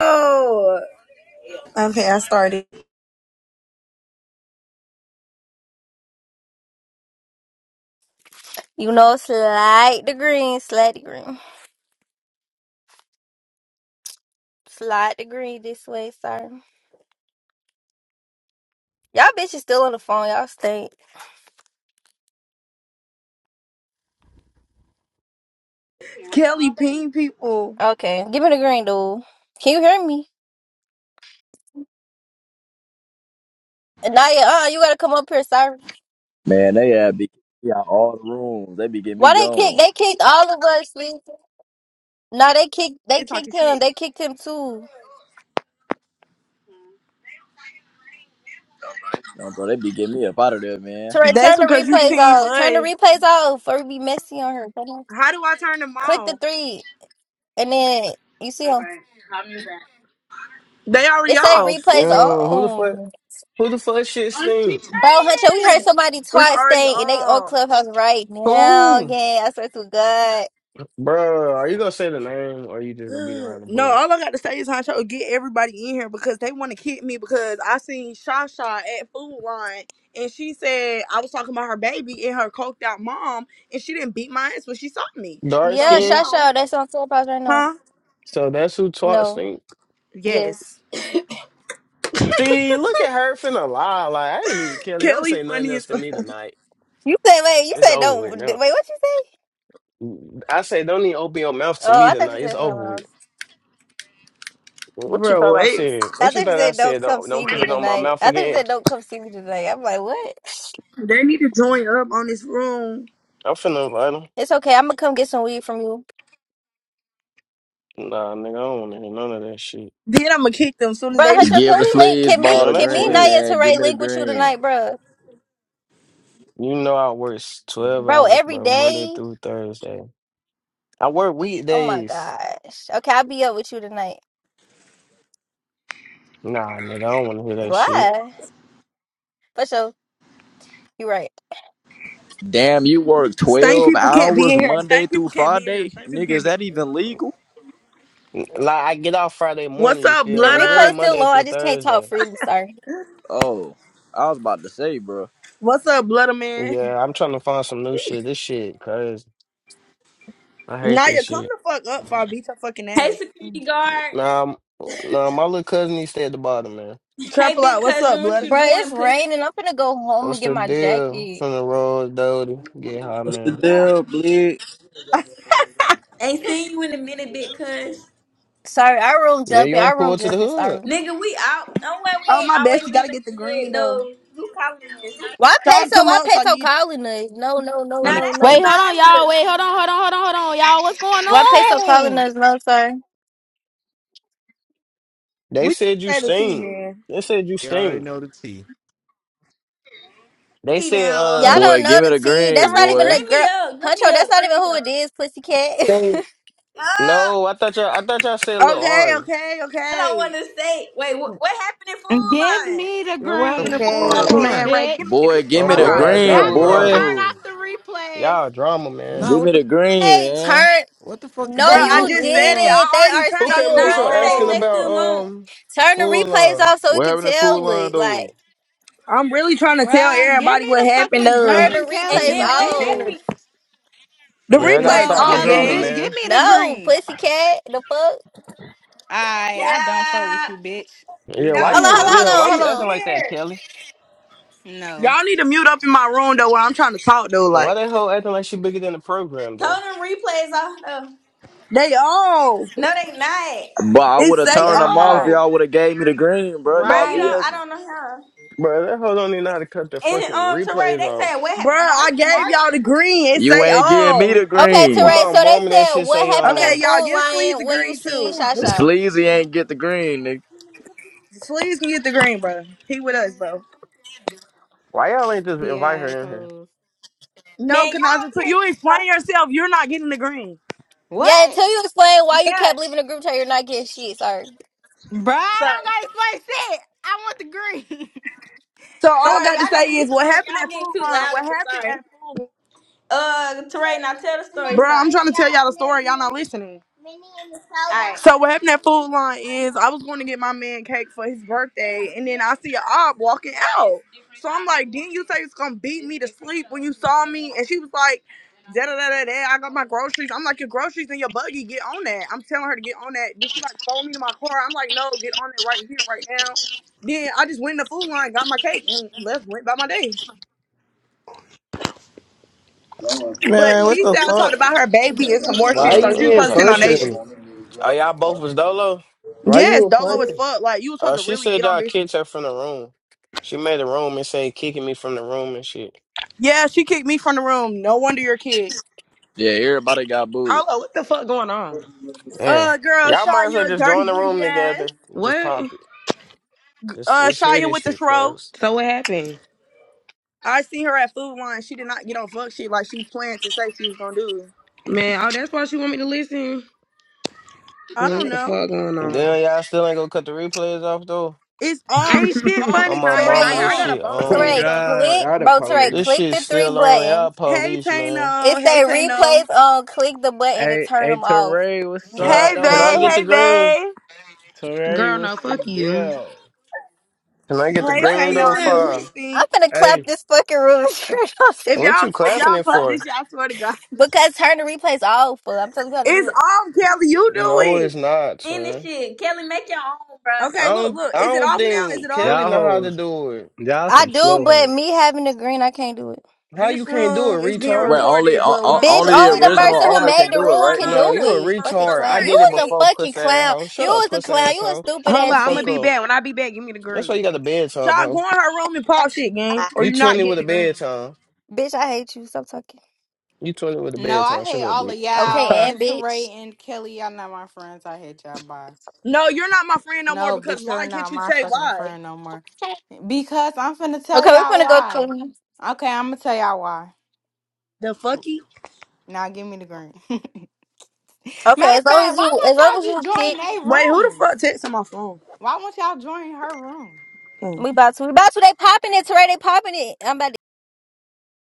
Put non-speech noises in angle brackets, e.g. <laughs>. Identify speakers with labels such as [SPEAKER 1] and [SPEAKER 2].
[SPEAKER 1] Oh, Okay, I started.
[SPEAKER 2] You know, slide the green, slide the green. Slide the green this way, sir. Y'all bitches still on the phone. Y'all stink.
[SPEAKER 1] people,
[SPEAKER 2] Okay, give me the green, dude. Can you hear me? Naya, uh, you gotta come up here, sir.
[SPEAKER 3] Man, they uh, be be out all the rooms. They be getting me
[SPEAKER 2] Why they kick?
[SPEAKER 3] going.
[SPEAKER 2] They kicked all of us, man. No, they kicked.
[SPEAKER 1] they
[SPEAKER 2] They
[SPEAKER 1] talking
[SPEAKER 2] kicked
[SPEAKER 1] shit.
[SPEAKER 2] him. They kicked him too.
[SPEAKER 3] No, bro, they be getting me up out of there, man.
[SPEAKER 2] Turn,
[SPEAKER 1] That's
[SPEAKER 2] turn the
[SPEAKER 1] because you
[SPEAKER 2] replays
[SPEAKER 1] team
[SPEAKER 2] off. Turn the
[SPEAKER 1] us.
[SPEAKER 2] replays off, or it be messy on her. Come on.
[SPEAKER 1] How do I turn them
[SPEAKER 2] Click the
[SPEAKER 1] off?
[SPEAKER 2] three, and then you see
[SPEAKER 1] All
[SPEAKER 2] him.
[SPEAKER 1] right, call me back. They already
[SPEAKER 2] It say
[SPEAKER 1] off.
[SPEAKER 2] replays
[SPEAKER 4] Damn, who the fuck?
[SPEAKER 2] on.
[SPEAKER 4] Who the fuck shit stink?
[SPEAKER 1] Unreturn
[SPEAKER 2] Bro, Hunter, we heard
[SPEAKER 1] it.
[SPEAKER 2] somebody
[SPEAKER 1] It's
[SPEAKER 2] twice
[SPEAKER 1] already
[SPEAKER 2] thing and they on
[SPEAKER 1] off. <gasps>
[SPEAKER 2] Clubhouse right now.
[SPEAKER 4] Who?
[SPEAKER 2] Yeah, I swear to God.
[SPEAKER 4] Bro, are you gonna say the name or you
[SPEAKER 1] <sighs>
[SPEAKER 4] just gonna beat around the
[SPEAKER 1] no,
[SPEAKER 4] bush?
[SPEAKER 1] all I got to say is Honcho, get everybody in here because they want to kick me because I seen Shasha at Food Line and she said I was talking about her baby and her coked out mom and she didn't beat my ass when she saw me.
[SPEAKER 4] Dark
[SPEAKER 1] So
[SPEAKER 2] Yeah,
[SPEAKER 4] skin?
[SPEAKER 1] now,
[SPEAKER 2] Shasha, that's on Clubhouse right now.
[SPEAKER 1] huh?
[SPEAKER 4] So that's who twat
[SPEAKER 2] No,
[SPEAKER 4] stink?
[SPEAKER 2] yes.
[SPEAKER 1] Yes.
[SPEAKER 4] See, look at her finna lie. Like, I didn't even care. Don't
[SPEAKER 1] Kelly
[SPEAKER 4] say nothing
[SPEAKER 1] funny
[SPEAKER 4] else
[SPEAKER 1] as
[SPEAKER 4] to me tonight.
[SPEAKER 2] You said, wait, you
[SPEAKER 4] It's
[SPEAKER 2] said
[SPEAKER 4] over
[SPEAKER 2] no.
[SPEAKER 4] with
[SPEAKER 2] Wait,
[SPEAKER 4] now.
[SPEAKER 2] what you say?
[SPEAKER 4] I say don't even open your mouth to
[SPEAKER 2] Oh,
[SPEAKER 4] me
[SPEAKER 2] I thought you
[SPEAKER 4] tonight. It's
[SPEAKER 2] said
[SPEAKER 4] over
[SPEAKER 2] something
[SPEAKER 4] with.
[SPEAKER 2] else.
[SPEAKER 4] What you
[SPEAKER 1] Bro,
[SPEAKER 4] thought I
[SPEAKER 1] wait.
[SPEAKER 4] said?
[SPEAKER 2] I
[SPEAKER 4] What you
[SPEAKER 2] thought you
[SPEAKER 4] thought I
[SPEAKER 2] said don't
[SPEAKER 4] said?
[SPEAKER 2] come
[SPEAKER 4] Don't don't
[SPEAKER 2] see
[SPEAKER 4] put
[SPEAKER 2] me
[SPEAKER 4] it on my
[SPEAKER 2] tonight.
[SPEAKER 4] mouth
[SPEAKER 2] I thought you
[SPEAKER 4] again.
[SPEAKER 2] said don't come see me tonight. I'm like, what?
[SPEAKER 1] They need to join up on this room.
[SPEAKER 4] I'm finna invite him.
[SPEAKER 2] It's okay. I'm gonna come get some weed from you,
[SPEAKER 4] Nah, nigga, I don't wanna hear none of that shit.
[SPEAKER 1] Then I'm gonna kick them as soon as
[SPEAKER 2] bro.
[SPEAKER 1] they.
[SPEAKER 2] Hunter,
[SPEAKER 3] Give
[SPEAKER 2] can
[SPEAKER 3] the
[SPEAKER 2] we link?
[SPEAKER 3] sleeves
[SPEAKER 2] Can
[SPEAKER 3] ball
[SPEAKER 2] me?
[SPEAKER 4] No,
[SPEAKER 3] the
[SPEAKER 2] Can
[SPEAKER 4] that's
[SPEAKER 2] me? and
[SPEAKER 3] green,
[SPEAKER 4] weird.
[SPEAKER 2] Naya
[SPEAKER 3] man. Give
[SPEAKER 2] Teray
[SPEAKER 3] me the
[SPEAKER 2] link with you
[SPEAKER 3] green.
[SPEAKER 2] tonight, bro?
[SPEAKER 4] You know I work s- twelve
[SPEAKER 2] Bro,
[SPEAKER 4] hours,
[SPEAKER 2] every
[SPEAKER 4] bro, Monday
[SPEAKER 2] day.
[SPEAKER 4] through Thursday. I work
[SPEAKER 2] Oh my
[SPEAKER 4] weekdays.
[SPEAKER 2] gosh. Okay, I'll be up with you tonight.
[SPEAKER 4] Nah, nigga, I don't want to hear that shit.
[SPEAKER 2] Why? For sure. You're right.
[SPEAKER 3] Damn, you work
[SPEAKER 1] <laughs> Stank
[SPEAKER 3] 12
[SPEAKER 1] people can't be
[SPEAKER 3] hours
[SPEAKER 1] in here.
[SPEAKER 3] Monday
[SPEAKER 1] Stank people
[SPEAKER 3] through
[SPEAKER 1] can't be in here.
[SPEAKER 3] Friday?
[SPEAKER 1] Stank people
[SPEAKER 3] Nigga,
[SPEAKER 1] can't
[SPEAKER 3] is
[SPEAKER 1] be
[SPEAKER 3] that
[SPEAKER 1] in here.
[SPEAKER 3] even legal?
[SPEAKER 4] N- Like I get off Friday
[SPEAKER 1] What's
[SPEAKER 4] morning, you
[SPEAKER 1] up,
[SPEAKER 4] feel
[SPEAKER 2] The
[SPEAKER 4] me? It's
[SPEAKER 1] Blooder?
[SPEAKER 4] really
[SPEAKER 2] replay's still
[SPEAKER 4] Monday
[SPEAKER 2] low. I
[SPEAKER 4] through
[SPEAKER 2] just can't talk
[SPEAKER 4] Thursday.
[SPEAKER 2] freely. Sorry.
[SPEAKER 3] Oh, I was about to say, bro.
[SPEAKER 1] What's up, Blooder man?
[SPEAKER 4] Yeah, I'm trying to find some new shit. This shit, crazy. I hate this
[SPEAKER 1] Naya, come
[SPEAKER 4] shit.
[SPEAKER 1] the fuck up before I beat your fucking
[SPEAKER 5] Hey,
[SPEAKER 1] ass.
[SPEAKER 5] security guard.
[SPEAKER 4] Nah, m- nah, my little cousin he stay at the bottom, man.
[SPEAKER 1] Trap a
[SPEAKER 5] Hey,
[SPEAKER 1] lot.
[SPEAKER 5] big
[SPEAKER 1] What's up,
[SPEAKER 5] cousin, what
[SPEAKER 1] Blooder?
[SPEAKER 5] you
[SPEAKER 2] Bruh, it's
[SPEAKER 5] doing, pussy?
[SPEAKER 2] raining. I'm gonna go home
[SPEAKER 4] What's
[SPEAKER 2] and get
[SPEAKER 4] the
[SPEAKER 2] my
[SPEAKER 4] deal
[SPEAKER 2] jacket.
[SPEAKER 4] from the road, Dodie? Get high,
[SPEAKER 6] The
[SPEAKER 4] man.
[SPEAKER 6] damn bleed.
[SPEAKER 5] Ain't seen you in a minute, big cuz.
[SPEAKER 2] Sorry, our room
[SPEAKER 4] Yeah, you
[SPEAKER 2] jumping.
[SPEAKER 4] don't
[SPEAKER 2] Our
[SPEAKER 4] pull
[SPEAKER 2] room
[SPEAKER 4] to the
[SPEAKER 2] jumping.
[SPEAKER 4] hood.
[SPEAKER 2] Sorry.
[SPEAKER 5] Nigga, we out. No way we
[SPEAKER 1] Oh
[SPEAKER 5] ain't
[SPEAKER 1] my
[SPEAKER 5] always
[SPEAKER 1] best, you
[SPEAKER 5] in
[SPEAKER 1] gotta
[SPEAKER 5] the
[SPEAKER 1] get the
[SPEAKER 5] hood,
[SPEAKER 1] green though.
[SPEAKER 5] though. Who calling us?
[SPEAKER 2] Why
[SPEAKER 1] Try to
[SPEAKER 2] peso?
[SPEAKER 1] come
[SPEAKER 2] Why
[SPEAKER 1] up so I can
[SPEAKER 2] peso
[SPEAKER 1] get.
[SPEAKER 2] calling us? No, no, no,
[SPEAKER 5] Nah,
[SPEAKER 2] no,
[SPEAKER 5] that's
[SPEAKER 7] Wait,
[SPEAKER 2] no.
[SPEAKER 7] hold on, y'all.
[SPEAKER 5] Elijah.
[SPEAKER 7] Wait, hold on, hold on, hold on, hold on, y'all. What's going
[SPEAKER 2] Why peso calling
[SPEAKER 7] on?
[SPEAKER 2] us? No, sorry.
[SPEAKER 4] They
[SPEAKER 1] We can
[SPEAKER 4] said you
[SPEAKER 1] say the tea,
[SPEAKER 4] stink.
[SPEAKER 1] man.
[SPEAKER 4] They said you
[SPEAKER 8] They already
[SPEAKER 4] stink.
[SPEAKER 8] know the T.
[SPEAKER 4] They
[SPEAKER 5] He
[SPEAKER 4] said,
[SPEAKER 2] Y'all
[SPEAKER 4] uh.
[SPEAKER 5] now.
[SPEAKER 3] Boy,
[SPEAKER 2] don't know
[SPEAKER 3] give me
[SPEAKER 2] the
[SPEAKER 3] the
[SPEAKER 2] T.
[SPEAKER 3] green,
[SPEAKER 2] That's not
[SPEAKER 5] Teray,
[SPEAKER 2] even
[SPEAKER 3] boy.
[SPEAKER 2] a
[SPEAKER 5] green me
[SPEAKER 2] girl.
[SPEAKER 5] up. Green
[SPEAKER 2] Huncho,
[SPEAKER 5] me
[SPEAKER 2] that's
[SPEAKER 5] up.
[SPEAKER 2] not
[SPEAKER 5] Green
[SPEAKER 2] even
[SPEAKER 5] me
[SPEAKER 2] who
[SPEAKER 5] up.
[SPEAKER 2] it is, pussycat. <laughs>
[SPEAKER 9] Saint,
[SPEAKER 5] Oh,
[SPEAKER 4] No, I thought y'all. I thought y'all said Lil
[SPEAKER 1] Okay,
[SPEAKER 4] Ari.
[SPEAKER 1] okay,
[SPEAKER 5] I don't want
[SPEAKER 1] okay,
[SPEAKER 5] to say. Wait, wh- what happened in
[SPEAKER 10] Give
[SPEAKER 5] Food Line?
[SPEAKER 10] me the
[SPEAKER 8] Yeah, what
[SPEAKER 11] happened
[SPEAKER 8] happened in
[SPEAKER 11] to
[SPEAKER 10] green,
[SPEAKER 11] fool
[SPEAKER 8] fool
[SPEAKER 11] line
[SPEAKER 1] okay.
[SPEAKER 11] though?
[SPEAKER 12] Man,
[SPEAKER 8] one?
[SPEAKER 12] Ray, give me
[SPEAKER 10] bitch.
[SPEAKER 3] Boy,
[SPEAKER 12] the
[SPEAKER 3] give
[SPEAKER 4] Oh
[SPEAKER 3] me
[SPEAKER 12] fuck
[SPEAKER 11] What
[SPEAKER 4] my
[SPEAKER 3] the
[SPEAKER 12] out of here.
[SPEAKER 11] happened
[SPEAKER 4] gosh,
[SPEAKER 11] to
[SPEAKER 10] Y'all
[SPEAKER 4] y'all
[SPEAKER 3] green,
[SPEAKER 11] fool
[SPEAKER 4] a
[SPEAKER 10] need to
[SPEAKER 11] line
[SPEAKER 4] drama.
[SPEAKER 3] boy.
[SPEAKER 10] turn off
[SPEAKER 11] though?
[SPEAKER 10] the replays.
[SPEAKER 4] Y'all a drama, man.
[SPEAKER 8] Nah,
[SPEAKER 3] Give
[SPEAKER 8] what
[SPEAKER 3] me the
[SPEAKER 8] the
[SPEAKER 3] green,
[SPEAKER 2] hey,
[SPEAKER 3] man.
[SPEAKER 2] turn.
[SPEAKER 8] what the fuck just
[SPEAKER 2] No,
[SPEAKER 1] Bro,
[SPEAKER 4] Who
[SPEAKER 8] happened in
[SPEAKER 1] I
[SPEAKER 4] who
[SPEAKER 2] you
[SPEAKER 1] just
[SPEAKER 8] fool
[SPEAKER 1] said it.
[SPEAKER 8] one?
[SPEAKER 2] didn't.
[SPEAKER 1] I
[SPEAKER 2] They
[SPEAKER 1] already
[SPEAKER 2] are
[SPEAKER 4] who
[SPEAKER 1] turned off
[SPEAKER 4] came
[SPEAKER 1] the
[SPEAKER 4] in
[SPEAKER 2] still
[SPEAKER 4] this
[SPEAKER 5] Nah,
[SPEAKER 4] show
[SPEAKER 5] it says
[SPEAKER 1] replay.
[SPEAKER 4] asking
[SPEAKER 5] they
[SPEAKER 4] about
[SPEAKER 2] on.
[SPEAKER 5] still on.
[SPEAKER 4] um
[SPEAKER 2] Turn the
[SPEAKER 4] full
[SPEAKER 2] replays
[SPEAKER 4] on?
[SPEAKER 2] off so we
[SPEAKER 11] What
[SPEAKER 2] can
[SPEAKER 11] happened to fool
[SPEAKER 2] tell
[SPEAKER 11] line
[SPEAKER 2] it.
[SPEAKER 11] though?
[SPEAKER 2] Like.
[SPEAKER 1] I'm really trying to tell
[SPEAKER 10] Bruh, give me
[SPEAKER 1] everybody what
[SPEAKER 10] the
[SPEAKER 1] happened.
[SPEAKER 10] fucking
[SPEAKER 1] though.
[SPEAKER 2] Turn the
[SPEAKER 10] green,
[SPEAKER 8] Cause
[SPEAKER 10] Kelly,
[SPEAKER 5] And
[SPEAKER 2] replays
[SPEAKER 8] he
[SPEAKER 5] then what
[SPEAKER 8] she in
[SPEAKER 10] bitch.
[SPEAKER 8] there,
[SPEAKER 2] off.
[SPEAKER 5] happened?
[SPEAKER 1] the
[SPEAKER 8] cause
[SPEAKER 4] Man, I
[SPEAKER 8] she in
[SPEAKER 4] gotta
[SPEAKER 8] there
[SPEAKER 1] replay's
[SPEAKER 10] No,
[SPEAKER 4] stop the
[SPEAKER 1] off,
[SPEAKER 8] trying
[SPEAKER 10] Kelly,
[SPEAKER 8] to
[SPEAKER 4] drama,
[SPEAKER 1] gang.
[SPEAKER 10] bitch,
[SPEAKER 8] right?
[SPEAKER 10] give
[SPEAKER 4] man.
[SPEAKER 10] me the
[SPEAKER 2] No,
[SPEAKER 10] green.
[SPEAKER 2] pussycat. The fuck?
[SPEAKER 10] I I don't fuck with
[SPEAKER 5] Yeah.
[SPEAKER 10] you, bitch.
[SPEAKER 8] She was
[SPEAKER 4] Yeah,
[SPEAKER 5] No,
[SPEAKER 8] in
[SPEAKER 4] why
[SPEAKER 8] there
[SPEAKER 2] Hold on,
[SPEAKER 5] hoes
[SPEAKER 4] you?
[SPEAKER 2] hold on,
[SPEAKER 4] Yeah,
[SPEAKER 8] trying.
[SPEAKER 4] why
[SPEAKER 2] hold on,
[SPEAKER 5] been
[SPEAKER 4] you
[SPEAKER 5] acting
[SPEAKER 2] hold
[SPEAKER 4] acting
[SPEAKER 2] on.
[SPEAKER 4] like that,
[SPEAKER 5] weird.
[SPEAKER 4] Kelly?
[SPEAKER 10] No.
[SPEAKER 1] Y'all need to mute up in my room though when I'm trying to talk though.
[SPEAKER 4] Why
[SPEAKER 1] Like
[SPEAKER 4] that hoe acting like she bigger than the program
[SPEAKER 5] Told
[SPEAKER 4] though?
[SPEAKER 5] them replays off, though.
[SPEAKER 1] they off.
[SPEAKER 5] No, they not.
[SPEAKER 3] But I
[SPEAKER 1] It
[SPEAKER 3] would
[SPEAKER 1] say
[SPEAKER 3] have turned
[SPEAKER 10] They're
[SPEAKER 3] them off if
[SPEAKER 10] not.
[SPEAKER 1] off,
[SPEAKER 3] y'all would have gave me the green, bro.
[SPEAKER 5] Bro,
[SPEAKER 3] Y'all
[SPEAKER 5] you don't.
[SPEAKER 10] Right.
[SPEAKER 5] I
[SPEAKER 3] BSing.
[SPEAKER 5] don't know how.
[SPEAKER 4] Bro, that hoe don't even know how to cut the
[SPEAKER 5] And
[SPEAKER 4] fucking
[SPEAKER 5] um, Teray,
[SPEAKER 4] replays
[SPEAKER 5] they said
[SPEAKER 4] off.
[SPEAKER 5] what
[SPEAKER 1] bruh.
[SPEAKER 5] happened? Mark,
[SPEAKER 1] I gave
[SPEAKER 5] Mark,
[SPEAKER 1] y'all the green. It
[SPEAKER 3] You
[SPEAKER 1] say
[SPEAKER 3] ain't giving me
[SPEAKER 1] off.
[SPEAKER 3] the
[SPEAKER 2] Okay,
[SPEAKER 4] On
[SPEAKER 3] green.
[SPEAKER 2] Teray,
[SPEAKER 4] my
[SPEAKER 2] so
[SPEAKER 4] mama,
[SPEAKER 2] they
[SPEAKER 4] that
[SPEAKER 2] said
[SPEAKER 4] shit say
[SPEAKER 2] what happened
[SPEAKER 1] Okay,
[SPEAKER 2] at
[SPEAKER 4] um.
[SPEAKER 1] y'all
[SPEAKER 2] Food
[SPEAKER 1] give Sleeze the
[SPEAKER 2] Lion when you
[SPEAKER 1] green
[SPEAKER 2] seen
[SPEAKER 1] too.
[SPEAKER 2] Shasha?
[SPEAKER 3] Sleazy ain't get the green, nigga.
[SPEAKER 1] Sleeze can get the green, bro. He with us, bro.
[SPEAKER 4] Why y'all ain't just
[SPEAKER 10] The
[SPEAKER 4] invite her in here?
[SPEAKER 10] assholes.
[SPEAKER 1] No,
[SPEAKER 5] man, y'all
[SPEAKER 1] Kanasha, so
[SPEAKER 5] in here
[SPEAKER 1] you
[SPEAKER 5] just
[SPEAKER 1] explain
[SPEAKER 5] talking.
[SPEAKER 1] yourself. You're not getting the green.
[SPEAKER 2] Yeah,
[SPEAKER 10] What?
[SPEAKER 2] until you explain why you
[SPEAKER 5] Yeah,
[SPEAKER 2] kept leaving the group chat, you're not getting shit, sorry.
[SPEAKER 10] Bruh,
[SPEAKER 5] sorry,
[SPEAKER 10] I don't gotta explain shit. I want the green.
[SPEAKER 1] So all I
[SPEAKER 5] sorry.
[SPEAKER 1] got to
[SPEAKER 5] I gotta
[SPEAKER 1] say
[SPEAKER 5] leave
[SPEAKER 1] is
[SPEAKER 5] the
[SPEAKER 1] what
[SPEAKER 5] room.
[SPEAKER 1] happened
[SPEAKER 5] Y'all
[SPEAKER 1] at
[SPEAKER 5] getting
[SPEAKER 1] Food
[SPEAKER 5] too
[SPEAKER 1] Line.
[SPEAKER 5] loud
[SPEAKER 1] What
[SPEAKER 5] in here.
[SPEAKER 1] happened
[SPEAKER 5] Sorry.
[SPEAKER 1] at Food Line?
[SPEAKER 5] Uh, Teray, now tell the story.
[SPEAKER 1] Bro, I'm
[SPEAKER 5] Sorry.
[SPEAKER 1] trying to tell y'all the story. Y'all not listening.
[SPEAKER 5] All right.
[SPEAKER 1] So what happened at Food Line is I was going to get my man cake for his birthday, and then I see a op walking out. So I'm like, didn't you say it's gonna beat me to sleep when you saw me? And she was like, da da da da da. I got my groceries. I'm like, your groceries in your buggy. Get on that. I'm telling her to get on that. Then she like follow me to my car. I'm like, no, get on it right here, right now. Then I just went in the food line, got my cake, and left. Went by my day. But
[SPEAKER 6] Man, what
[SPEAKER 1] she
[SPEAKER 6] the
[SPEAKER 1] said I
[SPEAKER 6] fuck?
[SPEAKER 1] talked about her baby and some more
[SPEAKER 9] why
[SPEAKER 1] shit,
[SPEAKER 4] Uh,
[SPEAKER 9] you
[SPEAKER 1] so she's
[SPEAKER 4] uh
[SPEAKER 9] getting
[SPEAKER 1] supposed to send
[SPEAKER 4] type
[SPEAKER 1] on
[SPEAKER 9] puncher?
[SPEAKER 4] shit.
[SPEAKER 1] Nation.
[SPEAKER 4] Are y'all both was Dolo?
[SPEAKER 9] Why you
[SPEAKER 1] Yes,
[SPEAKER 9] getting
[SPEAKER 1] Dolo as
[SPEAKER 9] puncher?
[SPEAKER 1] fuck. Like you was supposed
[SPEAKER 4] Uh,
[SPEAKER 1] to
[SPEAKER 4] she
[SPEAKER 1] really
[SPEAKER 4] said
[SPEAKER 1] get on
[SPEAKER 4] y'all
[SPEAKER 1] business.
[SPEAKER 4] kicked her from the room. She made a room and said kicking me from the room and shit.
[SPEAKER 1] Yeah, she kicked me from the room. No wonder you're a kid.
[SPEAKER 3] Yeah, everybody got booted.
[SPEAKER 12] Hello, what the fuck going on?
[SPEAKER 4] Damn.
[SPEAKER 1] Uh, girl,
[SPEAKER 4] Y'all might as well
[SPEAKER 1] Shia,
[SPEAKER 4] just
[SPEAKER 1] dirty
[SPEAKER 4] join the
[SPEAKER 1] booty
[SPEAKER 4] room
[SPEAKER 1] ass.
[SPEAKER 4] together. and Just
[SPEAKER 12] What?
[SPEAKER 4] pop it. Just
[SPEAKER 1] Uh,
[SPEAKER 4] let's hear
[SPEAKER 1] Shia
[SPEAKER 4] this
[SPEAKER 1] with the
[SPEAKER 4] shit,
[SPEAKER 1] throat.
[SPEAKER 4] cuz.
[SPEAKER 12] So what happened?
[SPEAKER 1] I seen her at Food Line. She did not get on fuck shit like she planned to say she was gonna do.
[SPEAKER 12] Man, oh, that's why she want me to listen?
[SPEAKER 1] I
[SPEAKER 12] Man,
[SPEAKER 1] don't
[SPEAKER 12] what the
[SPEAKER 1] know.
[SPEAKER 12] fuck going on?
[SPEAKER 4] Then y'all still ain't gonna cut the replays off though.
[SPEAKER 1] It's off.
[SPEAKER 12] Ain't
[SPEAKER 1] It's
[SPEAKER 12] shit
[SPEAKER 1] off.
[SPEAKER 13] <laughs>
[SPEAKER 4] On
[SPEAKER 12] funny,
[SPEAKER 1] It
[SPEAKER 4] my
[SPEAKER 1] says
[SPEAKER 12] Naya,
[SPEAKER 2] Teray,
[SPEAKER 4] mama,
[SPEAKER 12] Naya.
[SPEAKER 4] this
[SPEAKER 12] I got
[SPEAKER 2] you
[SPEAKER 12] a
[SPEAKER 1] off.
[SPEAKER 4] shit
[SPEAKER 12] bone to
[SPEAKER 13] oh
[SPEAKER 2] Teray,
[SPEAKER 4] on.
[SPEAKER 12] people on my
[SPEAKER 13] God.
[SPEAKER 2] click
[SPEAKER 12] mama.
[SPEAKER 9] Y'all the
[SPEAKER 12] You
[SPEAKER 2] bro,
[SPEAKER 12] weird.
[SPEAKER 2] Teray,
[SPEAKER 9] police.
[SPEAKER 4] This
[SPEAKER 2] click
[SPEAKER 4] shit
[SPEAKER 2] the three
[SPEAKER 4] still on. Y'all
[SPEAKER 2] buttons.
[SPEAKER 1] Hey
[SPEAKER 4] police, man.
[SPEAKER 2] It
[SPEAKER 1] Tano. Hey
[SPEAKER 2] say
[SPEAKER 1] Tano.
[SPEAKER 2] replays on, click the button and
[SPEAKER 13] Hey,
[SPEAKER 2] turn
[SPEAKER 13] hey,
[SPEAKER 2] them off.
[SPEAKER 13] Teray, what's
[SPEAKER 4] Can
[SPEAKER 13] up,
[SPEAKER 1] Hey
[SPEAKER 4] I can I
[SPEAKER 1] babe.
[SPEAKER 4] get the
[SPEAKER 13] though?
[SPEAKER 1] Hey
[SPEAKER 4] green?
[SPEAKER 1] babe.
[SPEAKER 13] Teray,
[SPEAKER 12] Girl, no,
[SPEAKER 13] what's the
[SPEAKER 12] fuck you.
[SPEAKER 13] deal?
[SPEAKER 4] Can I get the
[SPEAKER 1] Hey
[SPEAKER 5] Fuck
[SPEAKER 4] green
[SPEAKER 5] you
[SPEAKER 1] Tano.
[SPEAKER 4] though
[SPEAKER 1] I miss you,
[SPEAKER 5] too.
[SPEAKER 4] fire?
[SPEAKER 2] I'm
[SPEAKER 1] Stink.
[SPEAKER 2] gonna clap
[SPEAKER 13] Hey,
[SPEAKER 2] this fucking room <laughs> straight off.
[SPEAKER 1] If
[SPEAKER 4] What
[SPEAKER 1] y'all
[SPEAKER 4] you
[SPEAKER 1] if
[SPEAKER 4] clapping
[SPEAKER 1] y'all
[SPEAKER 4] it
[SPEAKER 1] play
[SPEAKER 4] for?
[SPEAKER 1] this, y'all swear to God,
[SPEAKER 2] Because turn the replays off, fool. I'm telling you how to do
[SPEAKER 1] it's
[SPEAKER 2] it.
[SPEAKER 1] off. Kelly, you do
[SPEAKER 4] No,
[SPEAKER 1] it.
[SPEAKER 4] it's not,
[SPEAKER 5] In this
[SPEAKER 4] man.
[SPEAKER 5] shit, Kelly, make your own, bro.
[SPEAKER 1] Okay,
[SPEAKER 4] I
[SPEAKER 1] look,
[SPEAKER 4] don't
[SPEAKER 1] look.
[SPEAKER 4] I
[SPEAKER 1] Is it
[SPEAKER 4] don't
[SPEAKER 1] off now? Is
[SPEAKER 4] think
[SPEAKER 1] it off?
[SPEAKER 4] Kelly
[SPEAKER 13] y'all
[SPEAKER 4] know how to
[SPEAKER 13] hoes,
[SPEAKER 4] do it.
[SPEAKER 13] y'all
[SPEAKER 2] I
[SPEAKER 13] some
[SPEAKER 2] do,
[SPEAKER 13] slow
[SPEAKER 2] but
[SPEAKER 13] hoes.
[SPEAKER 2] me having the green, I can't do it.
[SPEAKER 4] How you
[SPEAKER 1] This
[SPEAKER 4] can't do it,
[SPEAKER 1] room is being
[SPEAKER 3] Uh,
[SPEAKER 4] retard?
[SPEAKER 3] Well, only
[SPEAKER 1] recorded
[SPEAKER 3] o-
[SPEAKER 1] but
[SPEAKER 3] o-
[SPEAKER 1] won't
[SPEAKER 2] Bitch,
[SPEAKER 3] only
[SPEAKER 1] show
[SPEAKER 3] the
[SPEAKER 1] on
[SPEAKER 2] only
[SPEAKER 1] your
[SPEAKER 2] the
[SPEAKER 5] I'm
[SPEAKER 3] original
[SPEAKER 2] person
[SPEAKER 5] finna
[SPEAKER 2] who
[SPEAKER 3] owner
[SPEAKER 5] go
[SPEAKER 1] profile.
[SPEAKER 5] hear
[SPEAKER 2] made
[SPEAKER 3] can
[SPEAKER 2] the
[SPEAKER 3] do it,
[SPEAKER 5] what's
[SPEAKER 2] rule
[SPEAKER 3] right?
[SPEAKER 5] going
[SPEAKER 2] can
[SPEAKER 5] on
[SPEAKER 2] do
[SPEAKER 4] No,
[SPEAKER 5] in the
[SPEAKER 4] you're a
[SPEAKER 5] other
[SPEAKER 2] it.
[SPEAKER 5] room.
[SPEAKER 2] Fucking
[SPEAKER 5] So
[SPEAKER 4] retard.
[SPEAKER 5] be
[SPEAKER 4] I
[SPEAKER 2] clown. You
[SPEAKER 4] did
[SPEAKER 5] right
[SPEAKER 4] it
[SPEAKER 2] was
[SPEAKER 5] back.
[SPEAKER 2] a
[SPEAKER 4] before,
[SPEAKER 2] fucking
[SPEAKER 4] puss ass
[SPEAKER 2] clown.
[SPEAKER 4] hoe.
[SPEAKER 2] You
[SPEAKER 4] Shut up,
[SPEAKER 2] was a
[SPEAKER 4] puss
[SPEAKER 2] clown.
[SPEAKER 4] ass
[SPEAKER 2] You a
[SPEAKER 4] hoe.
[SPEAKER 2] stupid
[SPEAKER 4] Shut
[SPEAKER 12] Hold
[SPEAKER 4] the
[SPEAKER 12] on,
[SPEAKER 2] ass
[SPEAKER 12] I'm gonna
[SPEAKER 4] fuck
[SPEAKER 2] bitch.
[SPEAKER 12] be
[SPEAKER 4] up.
[SPEAKER 12] back. When I be back, give me the
[SPEAKER 4] That's
[SPEAKER 12] green.
[SPEAKER 4] why you got a bedtime,
[SPEAKER 1] Child, go
[SPEAKER 4] hoe.
[SPEAKER 1] in her room and pop shit, gang.
[SPEAKER 2] Ah,
[SPEAKER 1] Or
[SPEAKER 4] You
[SPEAKER 1] you're not
[SPEAKER 4] 20 with
[SPEAKER 1] getting
[SPEAKER 4] a
[SPEAKER 1] the green.
[SPEAKER 4] bedtime.
[SPEAKER 2] bitch, I hate you. Stop talking.
[SPEAKER 4] You 20 with
[SPEAKER 10] <laughs>
[SPEAKER 4] a
[SPEAKER 10] no, I
[SPEAKER 4] bedtime.
[SPEAKER 10] hate
[SPEAKER 4] Shut up,
[SPEAKER 10] all
[SPEAKER 4] bitch.
[SPEAKER 10] of y'all.
[SPEAKER 13] <laughs>
[SPEAKER 2] Okay, and
[SPEAKER 10] And Teray
[SPEAKER 2] bitch.
[SPEAKER 10] and Kelly, y'all not my friends. I hate y'all. Bye.
[SPEAKER 1] No, you're not my friend no more
[SPEAKER 10] No,
[SPEAKER 1] because
[SPEAKER 10] bitch, you're
[SPEAKER 1] why can't
[SPEAKER 10] not
[SPEAKER 1] you
[SPEAKER 10] my
[SPEAKER 1] say
[SPEAKER 10] fucking
[SPEAKER 1] why?
[SPEAKER 10] friend no more. Because I'm finna tell
[SPEAKER 2] Okay, we're
[SPEAKER 10] y'all
[SPEAKER 2] gonna go
[SPEAKER 10] why.
[SPEAKER 2] clean.
[SPEAKER 10] Okay, I'm gonna tell y'all why.
[SPEAKER 1] The fucky?
[SPEAKER 10] Now give me the green. <laughs> Matter
[SPEAKER 2] Okay,
[SPEAKER 10] of
[SPEAKER 2] as long
[SPEAKER 10] fact,
[SPEAKER 2] as you
[SPEAKER 10] why
[SPEAKER 2] as
[SPEAKER 10] won't
[SPEAKER 2] long
[SPEAKER 10] y'all
[SPEAKER 2] as
[SPEAKER 10] just
[SPEAKER 2] you kick,
[SPEAKER 10] join
[SPEAKER 1] Wait, who
[SPEAKER 10] a
[SPEAKER 1] the
[SPEAKER 10] room?
[SPEAKER 1] fuck texted my phone?
[SPEAKER 10] Why won't y'all join her room?
[SPEAKER 1] Oh.
[SPEAKER 2] we about to we about to they popping it, Teray, they popping it. I'm about to